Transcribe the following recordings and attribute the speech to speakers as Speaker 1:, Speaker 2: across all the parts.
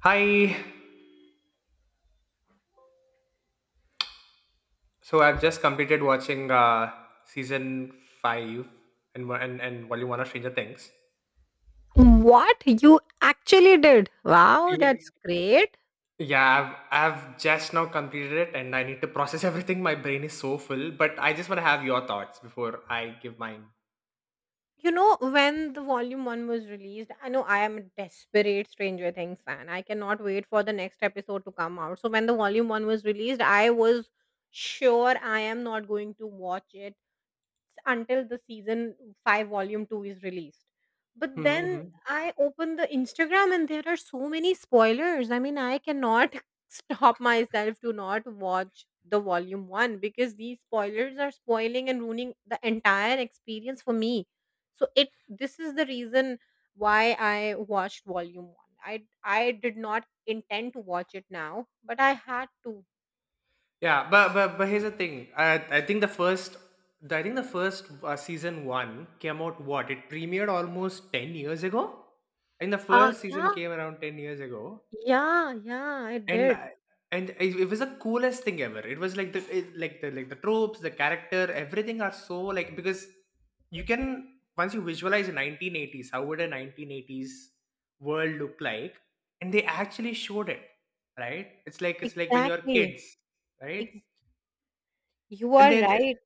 Speaker 1: Hi. So I've just completed watching season five and volume one of Stranger Things.
Speaker 2: What? You actually did? Wow,
Speaker 1: Yeah,
Speaker 2: that's great.
Speaker 1: yeah. I've just now completed it, and I need to process everything. My brain is so full, but I just want to have your thoughts before I give mine.
Speaker 2: You know, when the volume one was released, I know I am a desperate Stranger Things fan. I cannot wait for the next episode to come out. So when the volume one was released, I was sure I am not going to watch it until the season 5 volume 2 is released. But then
Speaker 1: Mm-hmm.
Speaker 2: I open the Instagram and there are so many spoilers. I mean, I cannot stop myself to not watch the volume 1 because these spoilers are spoiling and ruining the entire experience for me. So it this is the reason why I watched volume 1. I did not intend to watch it now, but I had to.
Speaker 1: Yeah, but here's the thing. I think I think the first season one came out. What, it premiered almost 10 years ago. I think the
Speaker 2: Uh
Speaker 1: first season
Speaker 2: yeah,
Speaker 1: came around 10 years ago.
Speaker 2: yeah, yeah, I
Speaker 1: And
Speaker 2: did.
Speaker 1: I and it was the coolest thing ever. It was like the it- like the tropes, the character, everything are so like because you can, once you visualize 1980s, how would a 1980s world look like? And they actually showed it, right? It's like when you're
Speaker 2: Exactly.
Speaker 1: kids, right?
Speaker 2: You
Speaker 1: And
Speaker 2: are
Speaker 1: then
Speaker 2: right.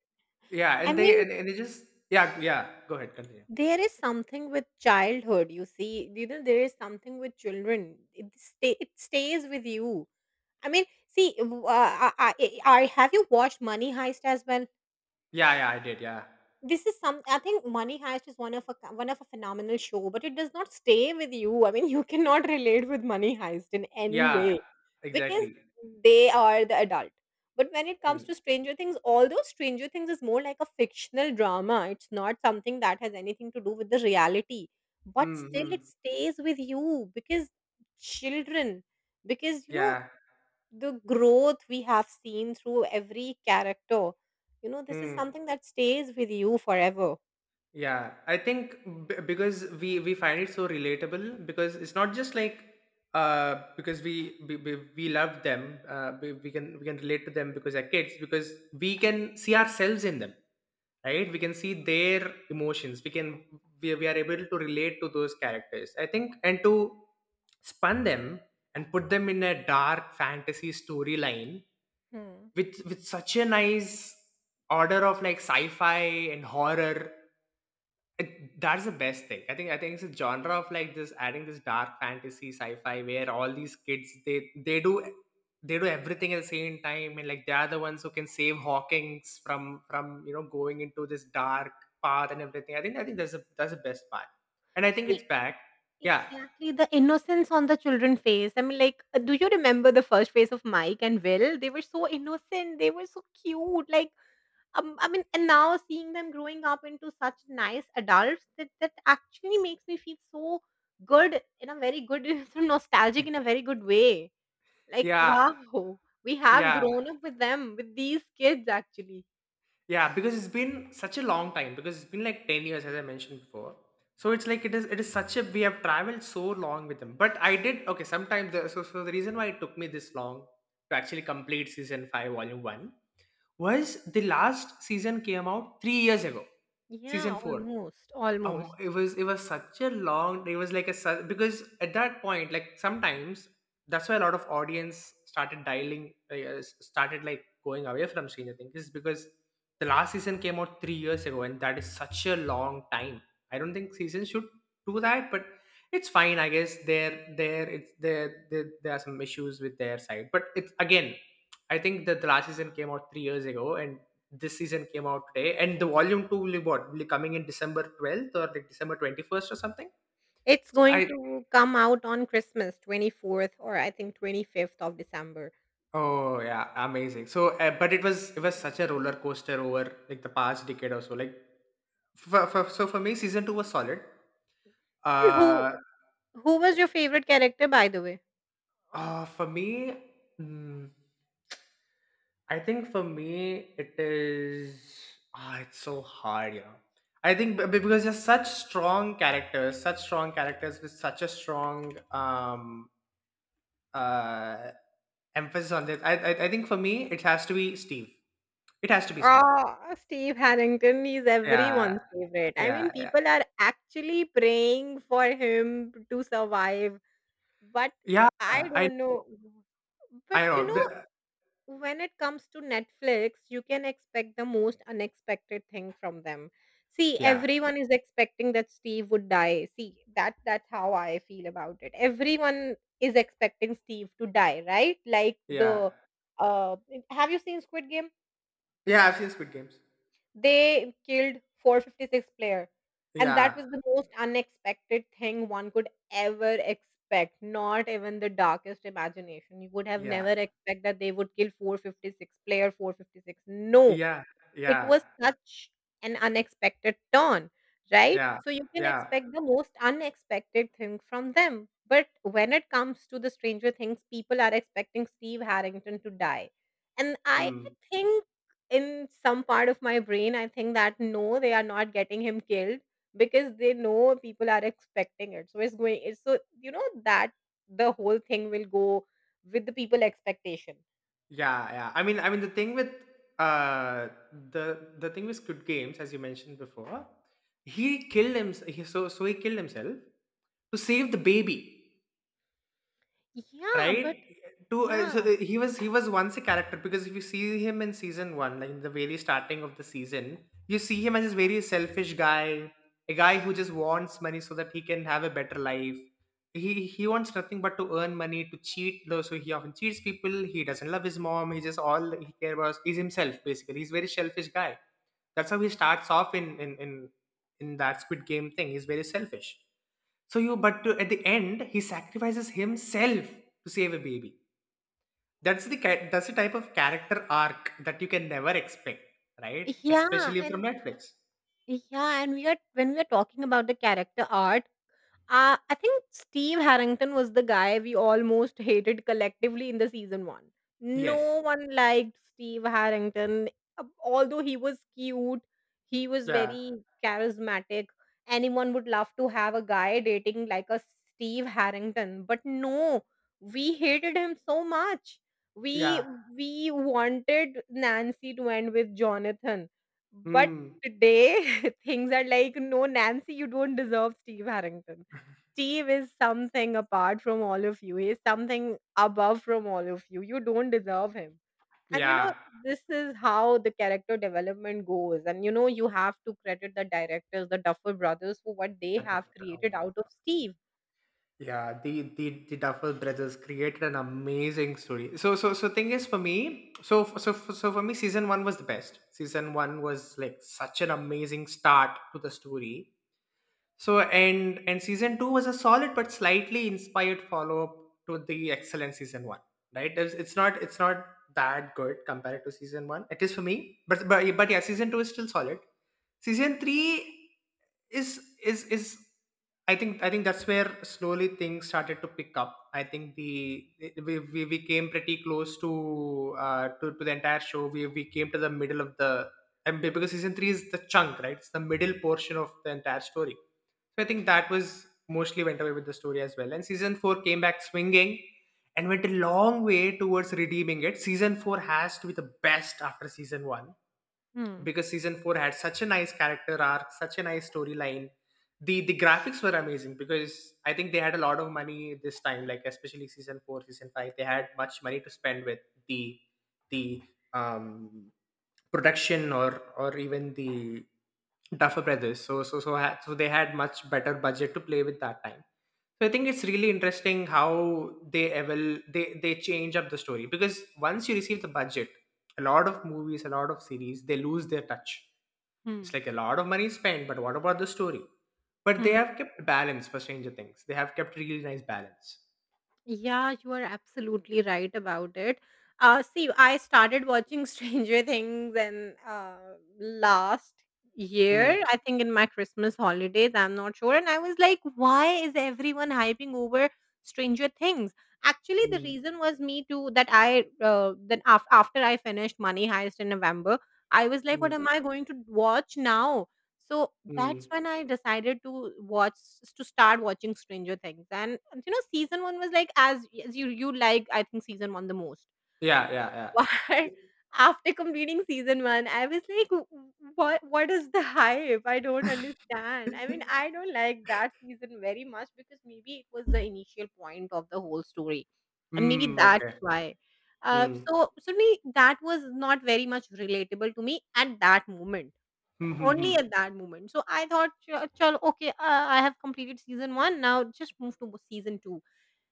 Speaker 1: yeah,
Speaker 2: I
Speaker 1: and
Speaker 2: mean,
Speaker 1: they just yeah, yeah. Go ahead, continue.
Speaker 2: there is something with childhood, you see. You know, there is something with children. It stays with you. I mean, see, have you watched Money Heist as well?
Speaker 1: Yeah, yeah, I did, yeah,
Speaker 2: This is some I think Money Heist is one of a phenomenal show, but it does not stay with you. I mean, you cannot relate with Money Heist in any, yeah,
Speaker 1: yeah,
Speaker 2: way because
Speaker 1: exactly.
Speaker 2: they are the adult. But when it
Speaker 1: Hmm.
Speaker 2: comes to Stranger Things, although Stranger Things is more like a fictional drama, it's not something that has anything to do with the reality. But
Speaker 1: Hmm.
Speaker 2: still,
Speaker 1: Hmm.
Speaker 2: it stays with you because children, because you know
Speaker 1: Yeah.
Speaker 2: the growth we have seen through every character. You know, this is
Speaker 1: Hmm.
Speaker 2: something that stays with you forever.
Speaker 1: Yeah, I think because we find it so relatable because it's not just like because we love them, we can, we can relate to them because they're kids, because we can see ourselves in them, right? We can see their emotions, we can, we are able to relate to those characters, I think. And to spun them and put them in a dark fantasy storyline
Speaker 2: Hmm.
Speaker 1: with such a nice order of like sci-fi and horror, that's the best thing. I think it's a genre of like this, adding this dark fantasy sci-fi where all these kids, they do everything at the same time, and like they are the ones who can save Hawkins from you know, going into this dark path and everything. I think that's the best part. And I think
Speaker 2: See,
Speaker 1: it's back. Yeah.
Speaker 2: exactly the innocence on the children face. I mean, like, do you remember the first face of Mike and Will? They were so innocent. They were so cute. Like, I mean, and now seeing them growing up into such nice adults, that actually makes me feel so good in a very good, so nostalgic in a very good way. Like,
Speaker 1: Yeah.
Speaker 2: wow, we have
Speaker 1: Yeah.
Speaker 2: grown up with them, with these kids actually.
Speaker 1: Yeah, because it's been such a long time, because it's been like 10 years as I mentioned before. So it's like it is such a, we have traveled so long with them. But I did, okay, sometimes the, so so the reason why it took me this long to actually complete season 5 volume 1 was the last season came out 3 years ago. Season
Speaker 2: Yeah,
Speaker 1: 4.
Speaker 2: almost,
Speaker 1: um it
Speaker 2: almost.
Speaker 1: was it was such a long, it was like a because at that point, like sometimes that's why a lot of audience started dialing, started like going away from Stranger Things is because the last season came out 3 years ago, and that is such a long time. I don't think seasons should do that, but it's fine, I guess. It's there. There, are some issues with their side, but it's again. I think that the last season came out 3 years ago, and this season came out today. And the volume two will be, what, will be coming in December 12th or like December 21st or something.
Speaker 2: It's
Speaker 1: So
Speaker 2: going
Speaker 1: I,
Speaker 2: to come out on Christmas, 24th or I think 25th of December.
Speaker 1: oh yeah, amazing. So but it was, it was such a roller coaster over like the past decade or so. Like for me, season two was solid.
Speaker 2: And
Speaker 1: Uh,
Speaker 2: who was your favorite character, by the way?
Speaker 1: For me, mm, I think for me it is. Ah, it's so hard, you know. I think because there's such strong characters with such a strong uh emphasis on this. I think for me it has to be Steve. It has to be Steve.
Speaker 2: Ah, Steve Harrington is
Speaker 1: Yeah,
Speaker 2: everyone's favorite. I
Speaker 1: yeah,
Speaker 2: mean,
Speaker 1: yeah,
Speaker 2: people are actually praying for him to survive, but
Speaker 1: yeah.
Speaker 2: I
Speaker 1: I
Speaker 2: don't
Speaker 1: know,
Speaker 2: know. But
Speaker 1: I
Speaker 2: you
Speaker 1: know. The-
Speaker 2: know, when it comes to Netflix, you can expect the most unexpected thing from them. See,
Speaker 1: yeah,
Speaker 2: everyone is expecting that Steve would die. See, that's how I feel about it. Everyone is expecting Steve to die, right? Like
Speaker 1: yeah,
Speaker 2: the uh have you seen Squid Game?
Speaker 1: yeah. I've seen Squid Games.
Speaker 2: They killed 456 player, and that
Speaker 1: Yeah,
Speaker 2: was the most unexpected thing one could ever expect. Not even the darkest imagination. You would have
Speaker 1: yeah,
Speaker 2: never expect that they would kill 456 player, 456. No,
Speaker 1: yeah,
Speaker 2: it
Speaker 1: yeah,
Speaker 2: was such an unexpected turn, right?
Speaker 1: yeah,
Speaker 2: So you can
Speaker 1: yeah.
Speaker 2: expect the most unexpected thing from them. But when it comes to the Stranger Things, people are expecting Steve Harrington to die. And I
Speaker 1: Mm.
Speaker 2: think in some part of my brain, I think that no, they are not getting him killed because they know people are expecting it. So it's so, you know, that the whole thing will go with the people expectation.
Speaker 1: Yeah, yeah. I mean the thing with uh the thing with Squid Games, as you mentioned before, he killed him. He, so he killed himself to save the baby,
Speaker 2: Yeah,
Speaker 1: right?
Speaker 2: but
Speaker 1: To
Speaker 2: yeah,
Speaker 1: he was, he was once a character, because if you see him in season 1, like in the very starting of the season, you see him as this very selfish guy, a guy who just wants money so that he can have a better life. He wants nothing but to earn money, to cheat though, so he often cheats people. He doesn't love his mom. He just, all that he cares about is he's himself, basically. He's a very selfish guy. That's how he starts off in that Squid Game thing. He's very selfish. So you, at the end, he sacrifices himself to save a baby. That's the type of character arc that you can never expect, right?
Speaker 2: yeah,
Speaker 1: Especially from
Speaker 2: and
Speaker 1: Netflix.
Speaker 2: Yeah, and we are when we are talking about the character art, I think Steve Harrington was the guy we almost hated collectively in the season one. No
Speaker 1: Yes.
Speaker 2: one liked Steve Harrington, although he was cute, he was
Speaker 1: Yeah.
Speaker 2: very charismatic. Anyone would love to have a guy dating like a Steve Harrington, but no, we hated him so much. We
Speaker 1: Yeah.
Speaker 2: we wanted Nancy to end with Jonathan, but
Speaker 1: Hmm.
Speaker 2: today things are like no, Nancy, you don't deserve Steve Harrington. Steve is something apart from all of you. He is something above from all of you. You don't deserve him. And you know,
Speaker 1: Yeah.
Speaker 2: this is how the character development goes. And you know, you have to credit the directors, the Duffer brothers, for what they
Speaker 1: The
Speaker 2: have
Speaker 1: Duff-, oh
Speaker 2: created
Speaker 1: my
Speaker 2: out of
Speaker 1: god.
Speaker 2: Steve.
Speaker 1: Yeah. The Duffer Brothers created an amazing story. So thing is for me. So for me, season one was the best. Season one was like such an amazing start to the story. So and season two was a solid but slightly inspired follow up to the excellent season one, right? It's not that good compared to season one. It is for me, but yeah, season two is still solid. Season three is, I think that's where slowly things started to pick up. I think the we came pretty close to to the entire show. We came to the middle of the, and because season three is the chunk, right? It's the middle portion of the entire story, so I think that was mostly went away with the story as well. And season four came back swinging and went a long way towards redeeming it. Season four has to be the best after season one,
Speaker 2: Hmm.
Speaker 1: because season four had such a nice character arc, such a nice storyline. The graphics were amazing, because I think they had a lot of money this time, like especially season four, season five. They had much money to spend with the the um production or even the Duffer Brothers. So so they had much better budget to play with that time. So I think it's really interesting how they change up the story, because once you receive the budget, a lot of movies, a lot of series, they lose their touch. It's
Speaker 2: Hmm.
Speaker 1: like a lot of money spent, but what about the story? But they
Speaker 2: Hmm.
Speaker 1: have kept balance for Stranger Things. They have kept really nice balance.
Speaker 2: Yeah, you are absolutely right about it. See, I started watching Stranger Things, and last
Speaker 1: Mm,
Speaker 2: year, I think in my Christmas holidays, I'm not sure. And I was like, why is everyone hyping over Stranger Things? Actually, the
Speaker 1: mm,
Speaker 2: reason was me too, that after I finished Money Heist in November, I was like, what am
Speaker 1: mm,
Speaker 2: I going to watch now? So
Speaker 1: mm.
Speaker 2: that's when I decided to start watching Stranger Things, and you know, season one was like as you you like I think season one the most.
Speaker 1: Yeah, yeah, yeah.
Speaker 2: But after completing season one, I was like, What is the hype? I don't understand." I mean, I don't like that season very much because maybe it was the initial point of the whole story, and maybe
Speaker 1: Mm,
Speaker 2: that's
Speaker 1: okay.
Speaker 2: why.
Speaker 1: Mm.
Speaker 2: So certainly that was not very much relatable to me at that moment only at that moment. So I thought, Chalo, okay, I have completed season one. Now just move to season two."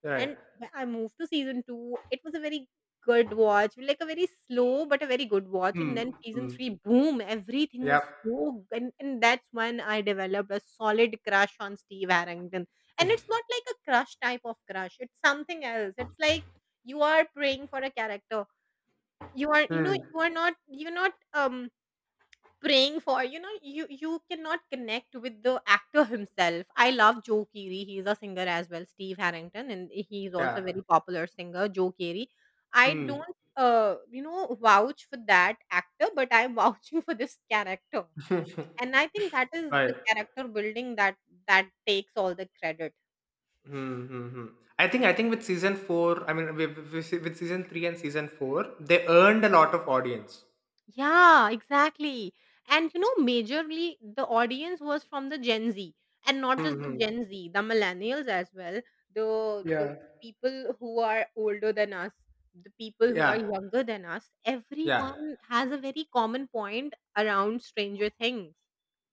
Speaker 1: Right.
Speaker 2: And when I moved to season two, it was a very good watch, like a very slow but a very good watch. And
Speaker 1: Hmm.
Speaker 2: then season
Speaker 1: Hmm.
Speaker 2: three, boom, everything
Speaker 1: Yep.
Speaker 2: was so good. And that's when I developed a solid crush on Steve Harrington. And it's not like a crush type of crush, it's something else. It's like you are praying for a character. You know,
Speaker 1: Hmm.
Speaker 2: you're not, praying for, you know, you cannot connect with the actor himself. I love Joe Keery. He's a singer as well, Steve Harrington, and he's also a
Speaker 1: Yeah.
Speaker 2: very popular singer, Joe Keery. I
Speaker 1: Hmm.
Speaker 2: don't you know vouch for that actor, but I'm vouching for this character. And I think that is
Speaker 1: Right.
Speaker 2: the character building, that takes all the credit.
Speaker 1: Hmm. Hmm. Hmm. I think with season 4, I mean with season 3 and season 4, they earned a lot of audience.
Speaker 2: Yeah, exactly. And you know, majorly the audience was from the Gen Z, and not just the
Speaker 1: Mm-hmm.
Speaker 2: Gen Z, the millennials as well, the
Speaker 1: Yeah.
Speaker 2: people who are older than us, the people who are
Speaker 1: Yeah.
Speaker 2: younger than us.
Speaker 1: Yeah.
Speaker 2: Everyone has a very common point around Stranger Things.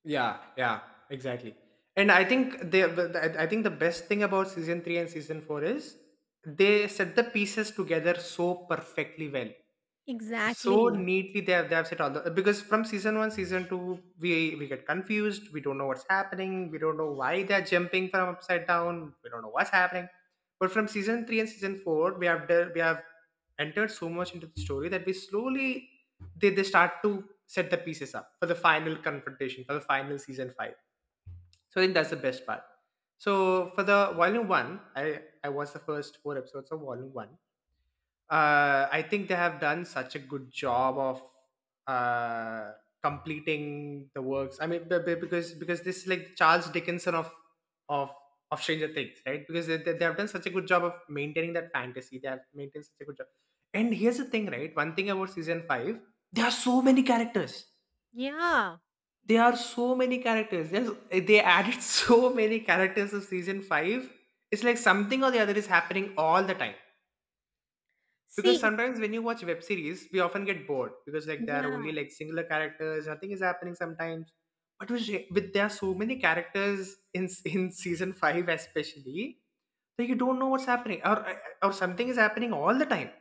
Speaker 1: Yeah. Yeah. Exactly. And I think they, but I think the best thing about season 3 and season 4 is they set the pieces together so perfectly well. So
Speaker 2: Exactly.
Speaker 1: neatly they have, they have set all the, because from season one, season two, we get confused. We don't know what's happening. We don't know why they're jumping from upside down. We don't know what's happening. But from season three and season four, we have we have entered so much into the story that we slowly, they start to set the pieces up for the final confrontation for the final season five. So I think that's the best part. So for the volume one, I watched the first four episodes of volume one. I think they have done such a good job of uh, completing the works. I mean, because this is like Charles Dickinson of of Stranger Things, right? Because they have done such a good job of maintaining that fantasy. They have maintained such a good job. And here's the thing, right? One thing about season five, there are so many characters.
Speaker 2: Yeah.
Speaker 1: There are so many characters. There's, they added so many characters of season five. It's like something or the other is happening all the time, because
Speaker 2: See, it's
Speaker 1: sometimes when you watch web series we often get bored because like there are
Speaker 2: yeah.
Speaker 1: only like singular characters, nothing is happening sometimes. But with there are so many characters in in season 5 especially, that you don't know what's happening, or something is happening all the time.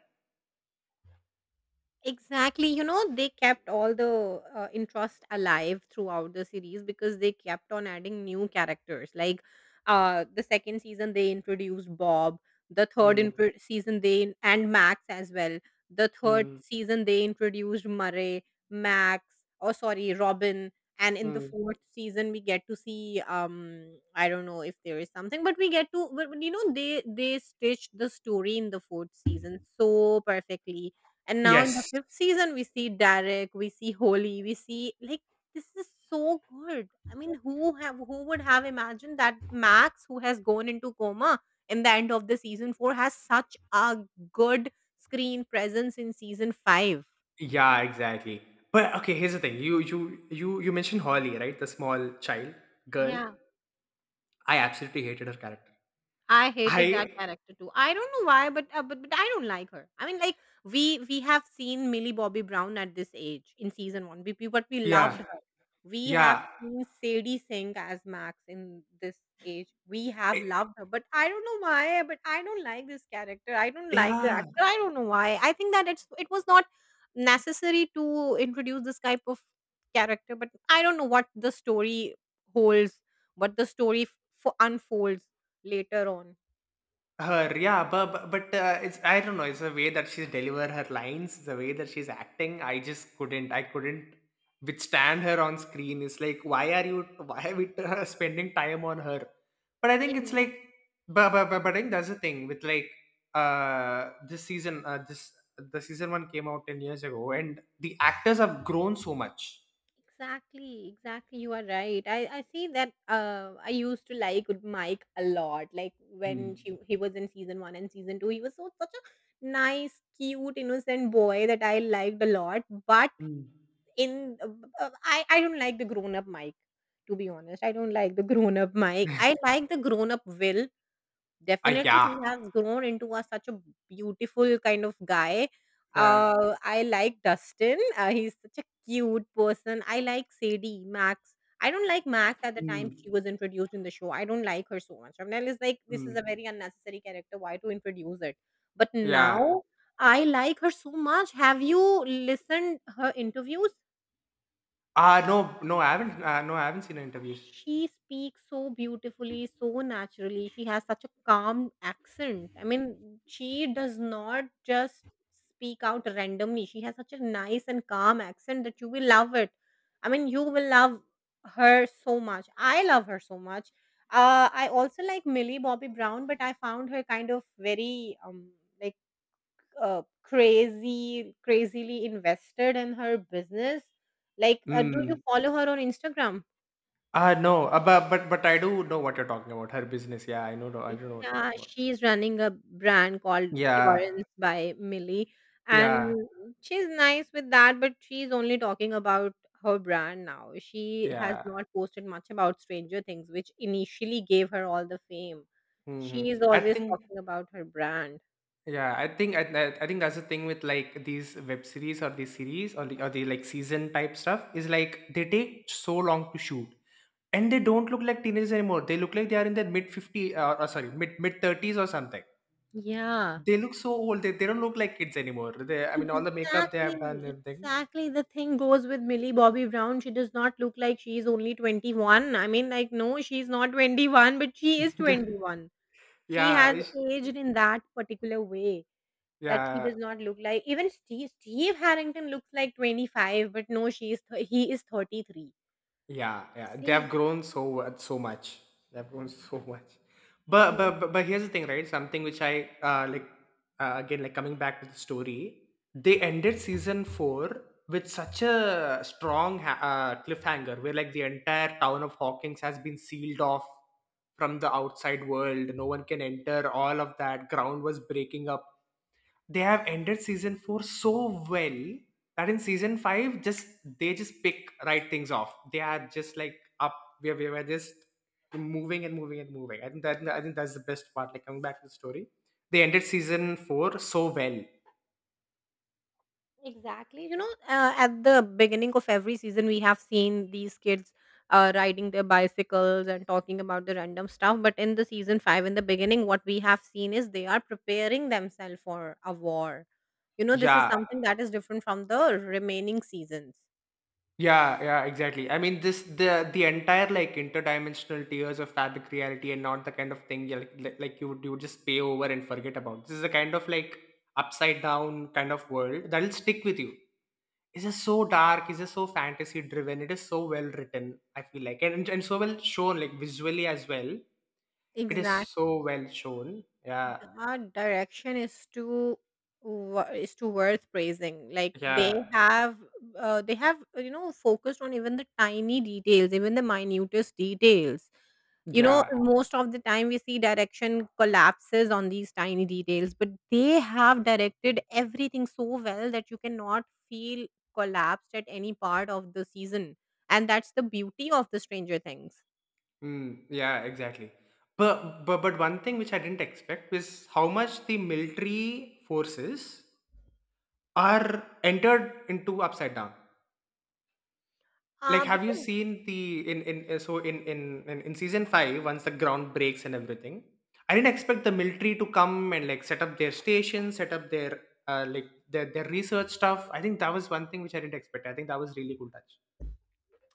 Speaker 2: Exactly. You know, they kept all the interest alive throughout the series because they kept on adding new characters. Like the second season, they introduced Bob.
Speaker 1: Mm,
Speaker 2: Season, and Max as well. The third
Speaker 1: mm,
Speaker 2: season, they introduced Murray, Max, oh, sorry, Robin. And in the
Speaker 1: mm.
Speaker 2: fourth season, we get to see, um, I don't know if there is something, but we get to but you know, they stitched the story in the fourth season so perfectly. And now in the
Speaker 1: Yes,
Speaker 2: fifth season, we see Derek, we see Holly, we see, like, this is so good. I mean, who would have imagined that Max, who has gone into coma in the end of the season four, has such a good screen presence in season five?
Speaker 1: yeah, exactly. But okay, here's the thing, you mentioned Holly, right? The small child, girl,
Speaker 2: Yeah.
Speaker 1: I absolutely hated her character.
Speaker 2: I hated that
Speaker 1: I
Speaker 2: character too. I don't know why, but, but I don't like her. I mean, like, we have seen Millie Bobby Brown at this age in season one, but we
Speaker 1: Yeah.
Speaker 2: loved her. We have
Speaker 1: Yeah.
Speaker 2: seen Sadie Sink as Max in this age. We have
Speaker 1: I-
Speaker 2: loved her, but I don't know why. But I don't like this character. I don't like the
Speaker 1: yeah.
Speaker 2: actor. I don't know why. I think that it's it was not necessary to introduce this type of character, but I don't know what the story holds, what the story unfolds later on.
Speaker 1: Her, yeah, but it's, I don't know. It's the way that she's deliver her lines, the way that she's acting. I just couldn't. I couldn't withstand her on screen. It's like, why are you? Why are we spending time on her? But I think it's
Speaker 2: Ex-
Speaker 1: like, but I think that's the thing with like this season. This the season one came out 10 years ago, and the actors have grown so much.
Speaker 2: Exactly, exactly. You are right. I see that, I used to like Mike a lot. Like when
Speaker 1: Mm.
Speaker 2: she he was in season one and season two, he was so such a nice, cute, innocent boy that I liked a lot. But
Speaker 1: Mm.
Speaker 2: in I don't like the grown up Mike. To be honest, I don't like the grown up Mike. I like the grown up Will. Definitely,
Speaker 1: Yeah,
Speaker 2: he has grown into a such a beautiful kind of guy.
Speaker 1: yeah.
Speaker 2: I like Dustin. He's such a cute person. I like Sadie, Max. I don't like Max at the time she
Speaker 1: Mm.
Speaker 2: was introduced in the show. I don't like her so much. Shabnam is like, this is
Speaker 1: Mm,
Speaker 2: a very unnecessary character. Why to introduce it? But
Speaker 1: yeah.
Speaker 2: now I like her so much. Have you listened her interviews?
Speaker 1: Ah, no, no, I haven't. No, I haven't seen her interviews.
Speaker 2: She speaks so beautifully, so naturally. She has such a calm accent. I mean, she does not just speak out randomly. She has such a nice and calm accent that you will love it. I mean, you will love her so much. I love her so much. I also like Millie Bobby Brown, but I found her kind of very, like crazy, crazily invested in her business. Like, do you
Speaker 1: Mm.
Speaker 2: follow her on Instagram?
Speaker 1: Ah, no, but I do know what you're talking about. Her business, yeah, I know. I don't know what you're
Speaker 2: Yeah,
Speaker 1: talking about.
Speaker 2: she's running a brand called
Speaker 1: Yeah,
Speaker 2: Florence by Millie, and
Speaker 1: yeah,
Speaker 2: she's nice with that, but she's only talking about her brand now. She has
Speaker 1: yeah.
Speaker 2: not posted much about Stranger Things, which initially gave her all the fame.
Speaker 1: Hmm.
Speaker 2: She is
Speaker 1: I
Speaker 2: always
Speaker 1: think,
Speaker 2: talking about her brand.
Speaker 1: yeah, I think, I think that's the thing with like these web series or these series or the like season type stuff is like they take so long to shoot, and they don't look like teenagers anymore. They look like they are in their mid 50, or sorry, mid thirties or something.
Speaker 2: Yeah,
Speaker 1: They look so old. They don't look like kids anymore. I mean, all the makeup they have done, and
Speaker 2: exactly.
Speaker 1: everything.
Speaker 2: Exactly. The thing goes with Millie Bobby Brown. She does not look like she is only 21. I mean, like, no, she's not 21, but she is
Speaker 1: Yeah,
Speaker 2: 21. She
Speaker 1: yeah,
Speaker 2: has
Speaker 1: it's,
Speaker 2: aged in that particular way that she
Speaker 1: yeah,
Speaker 2: does not look like even Steve Harrington looks like 25, but no, he is 33.
Speaker 1: yeah, yeah. They have
Speaker 2: See,
Speaker 1: grown so much. They have grown so much. But
Speaker 2: yeah,
Speaker 1: but but, but here's the thing, right? Something which I like, again, like coming back to the story. They ended season four with such a strong cliffhanger, where like the entire town of Hawkins has been sealed off from the outside world. No one can enter. All of that ground was breaking up. They have ended season 4 so well that in season 5 just they just pick right things off. They are just like, up, we were just moving and moving and moving. I think that's the best part. Like coming back to the story, they ended season 4 so well.
Speaker 2: exactly. You know, at the beginning of every season, we have seen these kids riding their bicycles and talking about the random stuff. But in the season five, in the beginning, what we have seen is they are preparing themselves for a war. You know, this is
Speaker 1: Yeah,
Speaker 2: something that is different from the remaining seasons.
Speaker 1: yeah, yeah, exactly. I mean, this the entire like interdimensional tiers of fabric reality, and not the kind of thing you like, you would just pay over and forget about. This is a kind of like upside down kind of world that'll stick with you. It's just so dark. It's just so fantasy driven. It is so well written, I feel like, and so well shown like visually as well. It is so
Speaker 2: Exactly.
Speaker 1: well shown. Yeah.
Speaker 2: That direction is is too worth praising. Like
Speaker 1: Yeah.
Speaker 2: they have you know, focused on even the tiny details, even the minutest details. You know,
Speaker 1: Yeah.
Speaker 2: most of the time we see direction collapses on these tiny details, but they have directed everything so well that you cannot feel collapsed at any part of the season, and that's the beauty of the Stranger Things.
Speaker 1: Yeah, exactly. But one thing which I didn't expect was how much the military forces are entered into upside down. Like have you
Speaker 2: Because
Speaker 1: seen the in so in season 5 once the ground breaks and everything? I didn't expect the military to come and like set up their stations, set up their their research stuff. I think that was one thing which I didn't expect. I think that was really cool touch.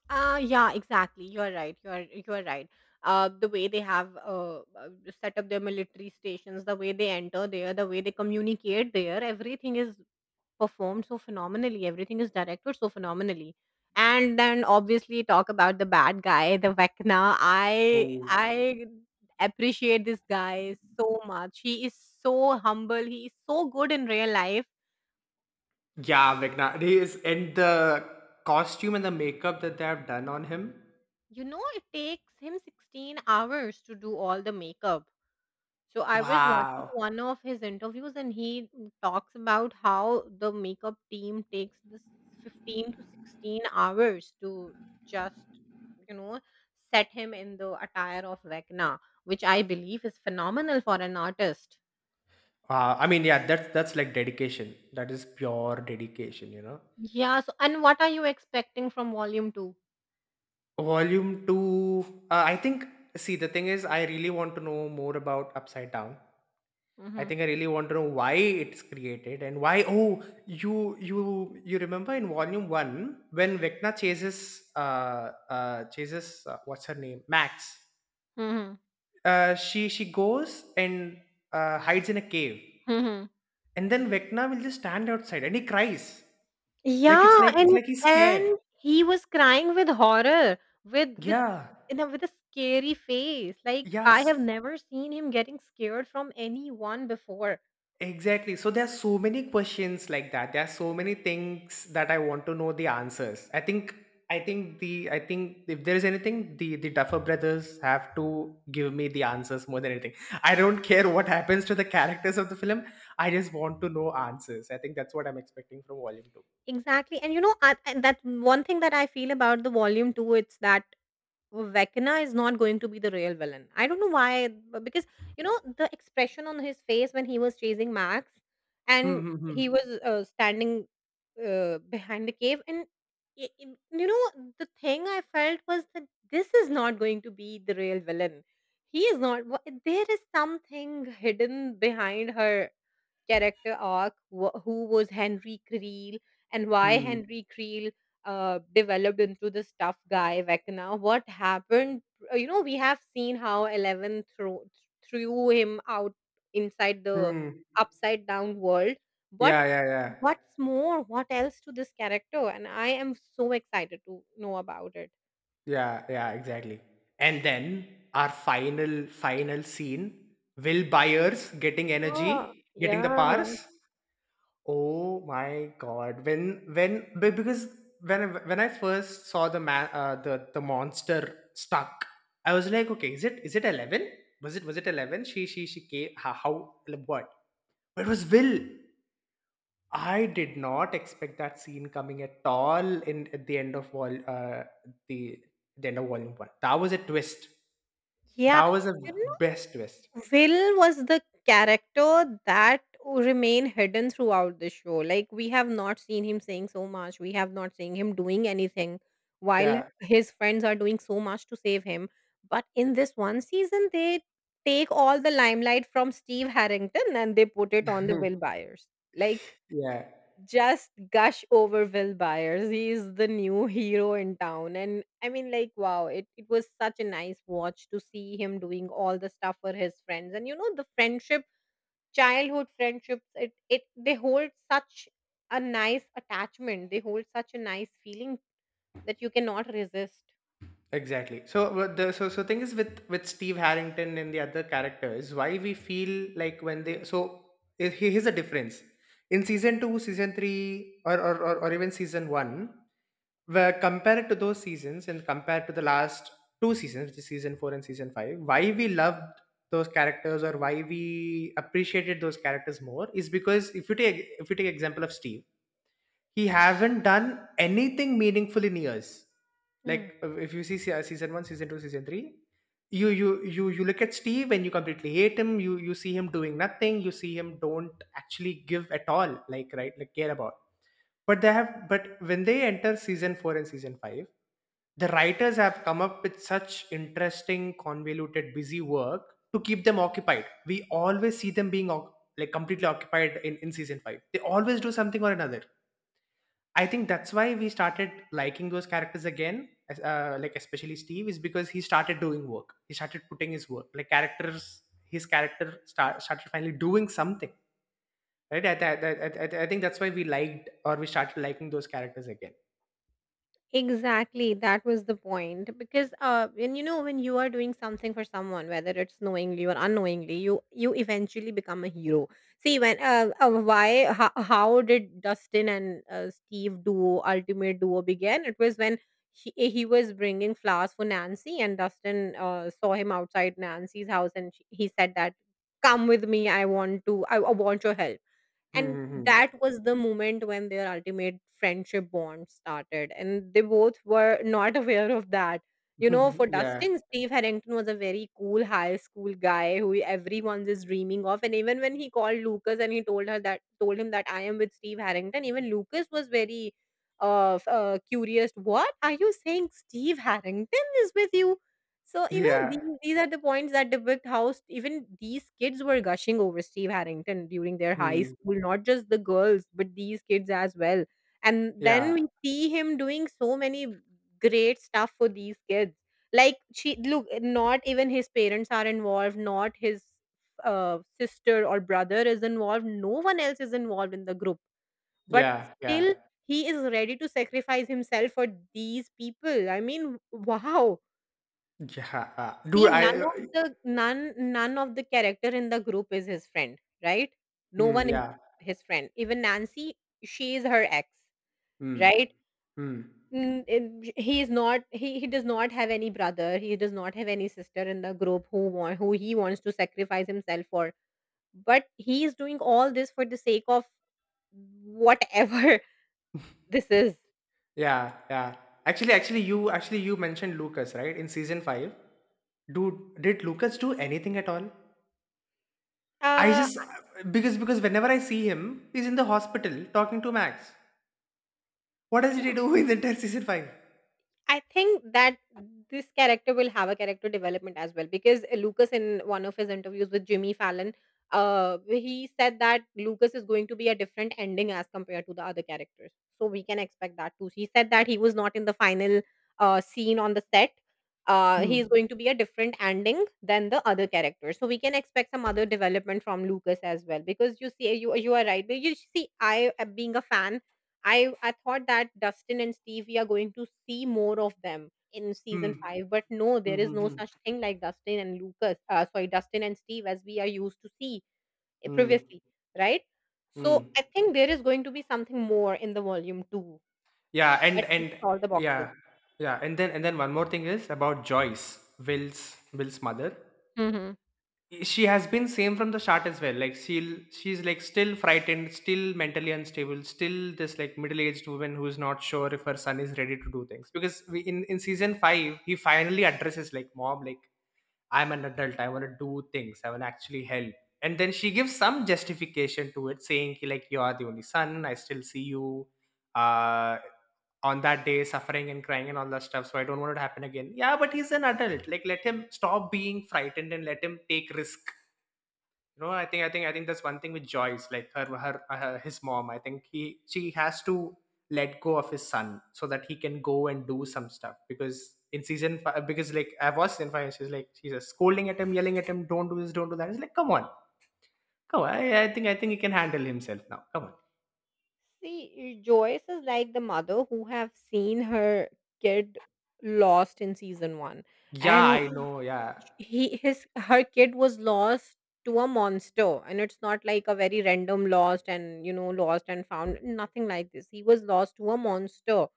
Speaker 2: Yeah, exactly. You're right. You're right. The way they have set up their military stations, the way they enter there, the way they communicate there, everything is performed so phenomenally. Everything is directed so phenomenally. And then obviously talk about the bad guy, the Vecna. I
Speaker 1: Oh,
Speaker 2: I appreciate this guy so much. He is so humble. He is so good in real life.
Speaker 1: yeah, Vegna, he is. And the costume and the makeup that they have done on him.
Speaker 2: You know, it takes him 16 hours to do all the makeup. So I was watching
Speaker 1: Wow.
Speaker 2: one of his interviews and he talks about how the makeup team takes this 15 to 16 hours to just, you know, set him in the attire of Vecna, which I believe is phenomenal for an artist.
Speaker 1: Wow, I mean, yeah, that's like dedication. That is pure dedication.
Speaker 2: Yeah. So, and what are you expecting from volume 2?
Speaker 1: Volume 2. I think, see, the thing is, I really want to know more about Upside Down. I
Speaker 2: Mm-hmm.
Speaker 1: think I really want to know why it's created, and why. Oh, you remember in volume one when Vecna chases chases, what's her name, Max.
Speaker 2: Mm-hmm.
Speaker 1: She goes and, hides in a cave, and then Vecna will just stand outside and he cries. Like it's
Speaker 2: Yeah,
Speaker 1: like he's scared.
Speaker 2: and he was crying with horror, with
Speaker 1: Yeah.
Speaker 2: you know, with a scary face. Like I
Speaker 1: Yes.
Speaker 2: have never seen him getting scared from anyone before.
Speaker 1: Exactly. So there are so many questions like that. There are so many things that I want to know the answers. I think if there is anything, the Duffer brothers have to give me the answers more than anything. I don't care what happens to the characters of the film. I just want to know answers. I think that's what I'm expecting from Volume Two.
Speaker 2: Exactly. And you know, and that one thing that I feel about the volume two, it's that, well, Vecna is not going to be the real villain. I don't know why, because you know the expression on his face when he was chasing Max,
Speaker 1: Hmm.
Speaker 2: and
Speaker 1: Hmm. Hmm.
Speaker 2: he was standing behind the cave, and you know the thing I felt was that this is not going to be the real villain. He is not. There is something hidden behind her character arc, who was Henry Creel and why
Speaker 1: Hmm.
Speaker 2: Henry Creel developed into this tough guy Vecna. What happened? You know, we have seen how Eleven threw him out inside the
Speaker 1: Hmm.
Speaker 2: upside down world. What?
Speaker 1: Yeah. Yeah. Yeah.
Speaker 2: What's more? What else to this character? And I am so excited to know about it.
Speaker 1: Yeah, yeah, exactly. And then our final scene, Will Byers getting
Speaker 2: Ah,
Speaker 1: energy, getting the powers.
Speaker 2: yeah.
Speaker 1: Oh my god. When because when I first saw the man, the monster stuck, I was like, okay, is it 11? Was it 11? She came. How, like, what? But it was Will. I did not expect that scene coming at all, in at the end of vol the the end of volume one. That was a twist.
Speaker 2: Yeah.
Speaker 1: That was a best twist.
Speaker 2: Will was the character that remained hidden throughout the show. Like we have not seen him saying so much. We have not seen him doing anything while
Speaker 1: Yeah.
Speaker 2: his friends are doing so much to save him. But in this one season they take all the limelight from Steve Harrington and they put it on the Will Byers. Like
Speaker 1: Yeah.
Speaker 2: just gush over Will Byers. He's the new hero in town. And I mean, like, wow, it was such a nice watch to see him doing all the stuff for his friends. And you know, the friendship, childhood friendships, it they hold such a nice attachment. They hold such a nice feeling that you cannot resist.
Speaker 1: Exactly. So what the so so thing is with Steve Harrington and the other characters. Why we feel like when they so he- here's a difference in season two, season three, or even season one, where compared to those seasons and compared to the last two seasons, which is season four and season five, why we loved those characters, or why we appreciated those characters more, is because if you take example of Steve, he haven't done anything meaningful in years. Like if you see season one, season two, season three, you look at Steve and you completely hate him. You see him doing nothing. You see him don't actually give at all. Like right, like care about. But when they enter season four and season five, the writers have come up with such interesting, convoluted, busy work to keep them occupied. We always see them being completely occupied in season five. They always do something or another. I think that's why we started liking those characters again, like especially Steve, is because he started doing work. He started putting his work, like characters, started finally doing something, right? I think that's why we liked, or we started liking those characters again.
Speaker 2: Exactly, that was the point. Because when you know when you are doing something for someone, whether it's knowingly or unknowingly, you eventually become a hero. See, when why how did Dustin and Steve duo ultimate duo began? It was when he was bringing flowers for Nancy, and Dustin saw him outside Nancy's house, and he said that, "Come with me. I want to. I want your help." And
Speaker 1: Hmm.
Speaker 2: that was the moment when their ultimate friendship bond started and they both were not aware of that. You know,
Speaker 1: Hmm,
Speaker 2: for
Speaker 1: yeah,
Speaker 2: Dustin, Steve Harrington was a very cool high school guy who everyone is dreaming of, and even when he called Lucas and he told her that told him that, "I am with Steve Harrington," even Lucas was very curious, "What are you saying? Steve Harrington is with you?" So, you know, these,
Speaker 1: yeah,
Speaker 2: are the points that depict how even these kids were gushing over Steve Harrington during their high
Speaker 1: hmm.
Speaker 2: school, not just the girls, but these kids as well. And then
Speaker 1: Yeah,
Speaker 2: we see him doing so many great stuff for these kids. Like, look, not even his parents are involved, not his sister or brother is involved, no one else is involved in the group. But
Speaker 1: yeah, yeah,
Speaker 2: still, he is ready to sacrifice himself for these people. I mean, wow.
Speaker 1: yeah. Dude,
Speaker 2: See, none
Speaker 1: I,
Speaker 2: of the none none of the character in the group is his friend, right? No
Speaker 1: mm,
Speaker 2: one is
Speaker 1: yeah,
Speaker 2: his friend. Even Nancy, she is her ex,
Speaker 1: mm,
Speaker 2: right?
Speaker 1: mm.
Speaker 2: Mm, and he is not. He does not have any brother. He does not have any sister in the group who want who he wants to sacrifice himself for. But he is doing all this for the sake of whatever this is.
Speaker 1: Yeah, yeah. Actually, you actually you mentioned Lucas, right? In season five, dude, did Lucas do anything at all? I
Speaker 2: Uh,
Speaker 1: just, because whenever I see him, he's in the hospital talking to Max. What does he
Speaker 2: yeah,
Speaker 1: do in the entire season five?
Speaker 2: I think that this character will have a character development as well because Lucas, in one of his interviews with Jimmy Fallon, he said that Lucas is going to be a different ending as compared to the other characters. So we can expect that too. He said that he was not in the final scene on the set.
Speaker 1: Hmm.
Speaker 2: He is going to be a different ending than the other characters. So we can expect some other development from Lucas as well. Because you see, you are right. But you see, I, being a fan, I thought that Dustin and Steve, we are going to see more of them in
Speaker 1: Hmm.
Speaker 2: season five, but no,
Speaker 1: Hmm.
Speaker 2: there is
Speaker 1: Hmm.
Speaker 2: no
Speaker 1: Hmm.
Speaker 2: such thing like Dustin and Lucas. Sorry, Dustin and Steve, as we are used to see
Speaker 1: Hmm.
Speaker 2: previously, right? So
Speaker 1: Hmm.
Speaker 2: I think there is going to be something more in the volume two
Speaker 1: Yeah,
Speaker 2: that ticks
Speaker 1: and
Speaker 2: all the boxes.
Speaker 1: yeah, yeah, and then one more thing is about Joyce, Will's mother.
Speaker 2: Hmm.
Speaker 1: She has been same from the start as well. Like she's like still frightened, still mentally unstable, still this like middle-aged woman who's not sure if her son is ready to do things, because in season five he finally addresses, like, mom, like, I'm an adult. I want to do things. I want to actually help. And then she gives some justification to it, saying ki, like, you are the only son. I still see you, uh, on that day suffering and crying and all that stuff. So I don't want it to happen again. Yeah, but he's an adult. Like let him stop being frightened and let him take risk. I think that's one thing with Joyce. Like her her, her his mom, I think he she has to let go of his son so that he can go and do some stuff. Because in season five, because like I was in five, she's just scolding at him, yelling at him, don't do this, don't do that. It's like come on, come on. I think he can handle himself now. Come on.
Speaker 2: See, Joyce is like the mother who have seen her kid lost in season one,
Speaker 1: Yeah, I
Speaker 2: and
Speaker 1: know, yeah,
Speaker 2: he his her kid was lost to a monster, and it's not like a very random lost and you know lost and found, nothing like this. He was lost to a monster,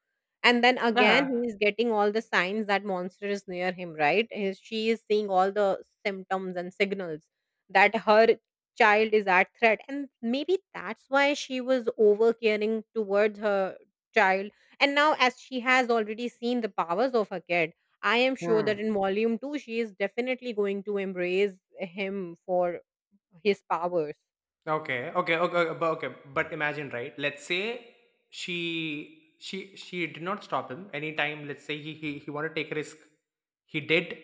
Speaker 2: and then again
Speaker 1: yeah.
Speaker 2: he is getting all the signs that monster is near him, right? She is seeing all the symptoms and signals that her child is at threat, and maybe that's why she was over caring towards her child. And now as she has already seen the powers of her kid, I am sure
Speaker 1: Hmm.
Speaker 2: that in volume 2 she is definitely going to embrace him for his powers.
Speaker 1: Okay, okay, okay, okay. But imagine, right? Let's say she did not stop him anytime. Let's say he wanted to take a risk. He did.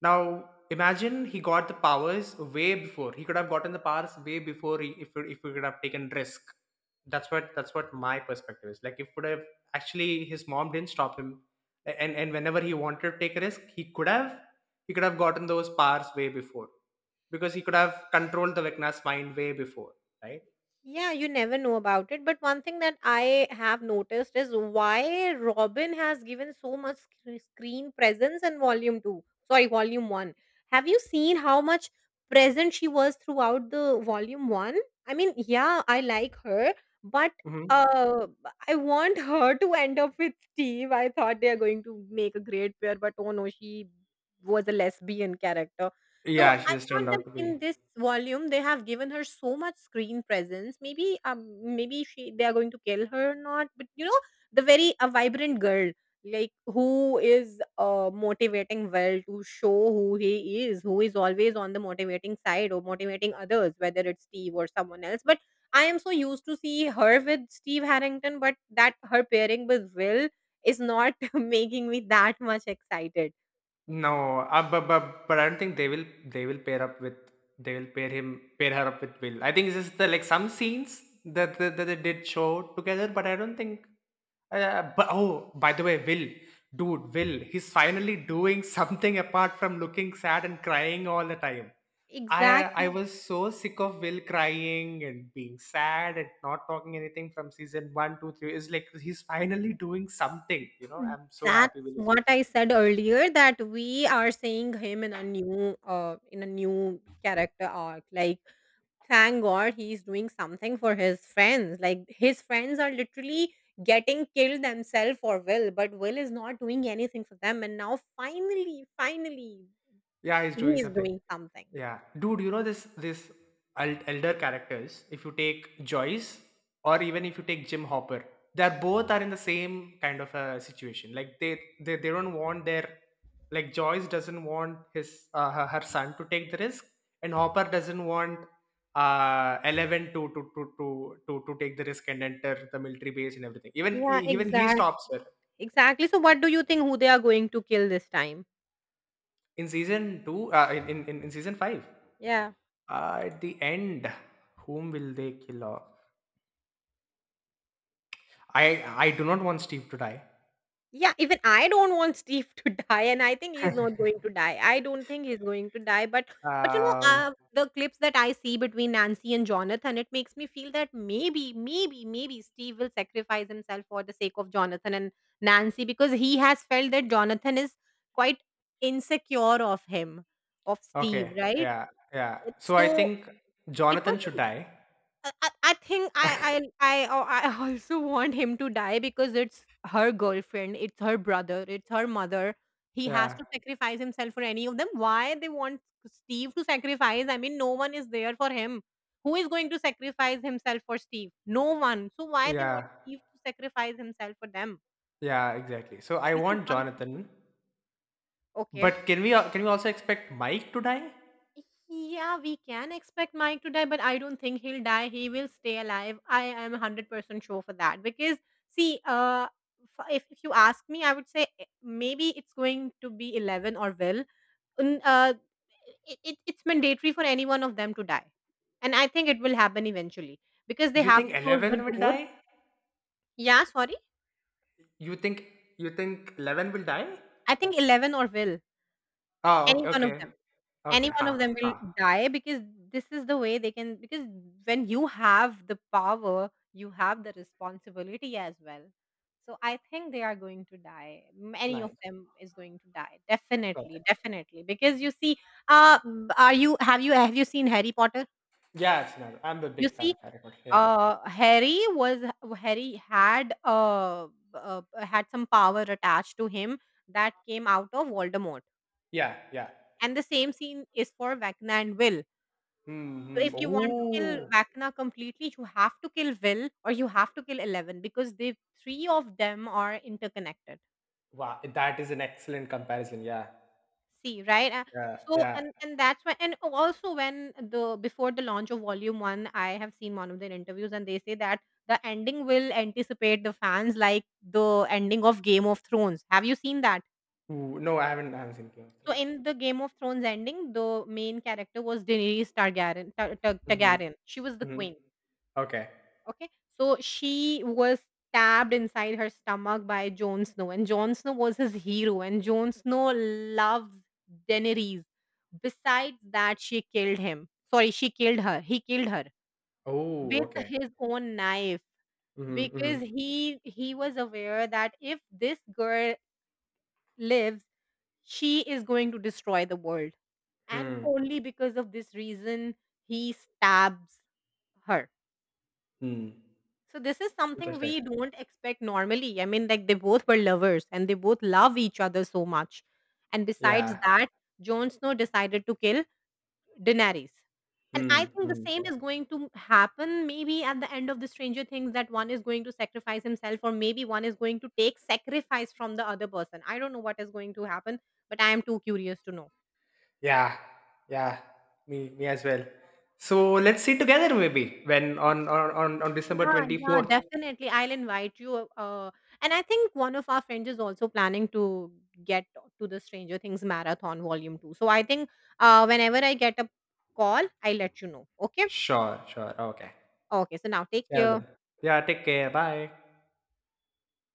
Speaker 1: Now imagine he got the powers way before. He could have gotten the powers way before if he could have taken risk. That's what my perspective is. Like if would have actually his mom didn't stop him, and whenever he wanted to take a risk, he could have, he could have gotten those powers way before, because he could have controlled the Vecna's mind way before, right?
Speaker 2: Yeah, you never know about it. But one thing that I have noticed is why Robin has given so much screen presence in volume two. Sorry, volume one. Have you seen how much present she was throughout the volume one? I mean, yeah, I like her, but
Speaker 1: Hmm.
Speaker 2: uh, I want her to end up with Steve. I thought they are going to make a great pair, but oh no, she was a lesbian character. So
Speaker 1: Yeah, she
Speaker 2: I
Speaker 1: just turned
Speaker 2: thought
Speaker 1: out
Speaker 2: that
Speaker 1: to be.
Speaker 2: in this volume they have given her so much screen presence. Maybe maybe she they are going to kill her or not. But you know, the very a vibrant girl, like who is motivating well to show who he is, who is always on the motivating side or motivating others, whether it's Steve or someone else. But I am so used to see her with Steve Harrington, but that her pairing with Will is not making me that much excited.
Speaker 1: No, but I don't think they will, they will pair up with, they will pair him pair her up with Will. I think it's just like some scenes that, that they did show together, but I don't think. But oh, by the way, Will, dude, Will, he's finally doing something apart from looking sad and crying all the time. I I
Speaker 2: Exactly.
Speaker 1: was so sick of Will crying and being sad and not talking anything from season one, two, three. It's like he's finally doing something. You know,
Speaker 2: Mm,
Speaker 1: I'm so
Speaker 2: that's
Speaker 1: happy Will is doing
Speaker 2: what I
Speaker 1: something.
Speaker 2: said earlier, that we are seeing him in a new character arc. Like thank God he's doing something for his friends. Like his friends are literally getting killed themselves for Will, but Will is not doing anything for them, and now finally, finally
Speaker 1: Yeah, he's
Speaker 2: he
Speaker 1: doing
Speaker 2: is
Speaker 1: something.
Speaker 2: doing something.
Speaker 1: Yeah, dude, you know this elder characters. If you take Joyce, or even if you take Jim Hopper, they're both are in the same kind of a situation. Like they don't want their, like Joyce doesn't want her son to take the risk, and Hopper doesn't want Eleven to take the risk and enter the military base and everything.
Speaker 2: Yeah,
Speaker 1: Even he
Speaker 2: exactly.
Speaker 1: stops her.
Speaker 2: Exactly. So what do you think who they are going to kill this time?
Speaker 1: In season two, in season five,
Speaker 2: Yeah.
Speaker 1: at the end, whom will they kill off? I I do not want Steve to die.
Speaker 2: Yeah, even I don't want Steve to die, and I think he's not going to die. I don't think he's going to die, but
Speaker 1: Um.
Speaker 2: the clips that I see between Nancy and Jonathan, it makes me feel that maybe, maybe, maybe Steve will sacrifice himself for the sake of Jonathan and Nancy because he has felt that Jonathan is quite insecure of him, of Steve,
Speaker 1: Okay.
Speaker 2: right?
Speaker 1: Yeah. Yeah. So I
Speaker 2: So
Speaker 1: think
Speaker 2: it was
Speaker 1: Jonathan should
Speaker 2: a
Speaker 1: die.
Speaker 2: I think I oh, I also want him to die because it's her girlfriend, it's her brother, it's her mother. He has
Speaker 1: Yeah.
Speaker 2: to sacrifice himself for any of them. Why they want Steve to sacrifice? I mean, no one is there for him. Who is going to sacrifice himself for Steve? No one. So why they want
Speaker 1: Yeah.
Speaker 2: Steve to sacrifice himself for them?
Speaker 1: Yeah. Exactly. So I
Speaker 2: This is
Speaker 1: want
Speaker 2: one thing.
Speaker 1: Jonathan,
Speaker 2: Okay.
Speaker 1: but can we, can we also expect Mike to die?
Speaker 2: Yeah, we can expect Mike to die, but I don't think he'll die. He will stay alive. I am 100% sure for that. Because, see, if you ask me, I would say maybe it's going to be 11 or Will. N- Uh, it's mandatory for any one of them to die. And I think it will happen eventually because they
Speaker 1: You
Speaker 2: have
Speaker 1: think
Speaker 2: to close the
Speaker 1: Eleven will
Speaker 2: door.
Speaker 1: die?
Speaker 2: Yeah, sorry.
Speaker 1: You think you think Eleven will die?
Speaker 2: I think 11 or Will,
Speaker 1: Oh.
Speaker 2: any one of
Speaker 1: Okay.
Speaker 2: them.
Speaker 1: Okay.
Speaker 2: Any
Speaker 1: Okay.
Speaker 2: one
Speaker 1: Ha. Ha.
Speaker 2: of them will
Speaker 1: Ha.
Speaker 2: die because this is the way they can, because when you have the power, you have the responsibility as well. So I think they are going to die. Many of
Speaker 1: Nice.
Speaker 2: them is going to die. Definitely,
Speaker 1: Okay.
Speaker 2: definitely. Because you see, uh, are you have you have you seen Harry Potter?
Speaker 1: Yeah, it's not. I'm a
Speaker 2: You
Speaker 1: big fan
Speaker 2: see,
Speaker 1: of Harry Potter. Yeah.
Speaker 2: uh, Harry was Harry had had some power attached to him that came out of Voldemort,
Speaker 1: Yeah, yeah.
Speaker 2: and the same scene is for Vecna and Will. So
Speaker 1: Mm-hmm.
Speaker 2: if you want to kill
Speaker 1: Oh,
Speaker 2: Vecna completely, you have to kill Will or you have to kill 11 because the three of them are interconnected.
Speaker 1: wow. That is an excellent comparison. Yeah.
Speaker 2: See, right? Uh,
Speaker 1: Yeah,
Speaker 2: so
Speaker 1: yeah.
Speaker 2: and that's why, and also when the before the launch of Volume One, I have seen one of their interviews and they say that the ending will anticipate the fans like the ending of Game of Thrones. Have you seen that?
Speaker 1: Ooh, no, I haven't, seen Game of
Speaker 2: So
Speaker 1: Thrones.
Speaker 2: in the Game of Thrones ending, the main character was Daenerys Targaryen.
Speaker 1: Mm-hmm.
Speaker 2: Targaryen. She was the
Speaker 1: Mm-hmm.
Speaker 2: queen.
Speaker 1: Okay.
Speaker 2: Okay. So she was stabbed inside her stomach by Jon Snow, and Jon Snow was his hero, and Jon Snow loves Daenerys. Besides that, she killed him. Sorry, she killed her. He killed her
Speaker 1: Oh,
Speaker 2: with
Speaker 1: okay.
Speaker 2: his own knife
Speaker 1: Mm-hmm. Mm-hmm.
Speaker 2: because he was aware that if this girl lives, she is going to destroy the world. And
Speaker 1: Hmm.
Speaker 2: only because of this reason, he stabs her.
Speaker 1: Hmm.
Speaker 2: So this is something
Speaker 1: Interesting.
Speaker 2: we don't expect normally. I mean, like they both were lovers and they both love each other so much. And besides
Speaker 1: Yeah.
Speaker 2: that, Jon Snow decided to kill Daenerys. And
Speaker 1: Hmm.
Speaker 2: I think the
Speaker 1: Hmm.
Speaker 2: same is going to happen maybe at the end of the Stranger Things, that one is going to sacrifice himself, or maybe one is going to take sacrifice from the other person. I don't know what is going to happen, but I am too curious to know.
Speaker 1: Yeah. Yeah. Me, me as well. So let's see together maybe when on December
Speaker 2: Yeah, yeah,
Speaker 1: 24th.
Speaker 2: definitely. I'll invite you. And I think one of our friends is also planning to get to the Stranger Things Marathon Volume 2. So I think whenever I get a call, I'll let you know. Okay?
Speaker 1: Sure, sure. Okay.
Speaker 2: Okay. So now take
Speaker 1: Yeah,
Speaker 2: care.
Speaker 1: then. Yeah, take care. Bye.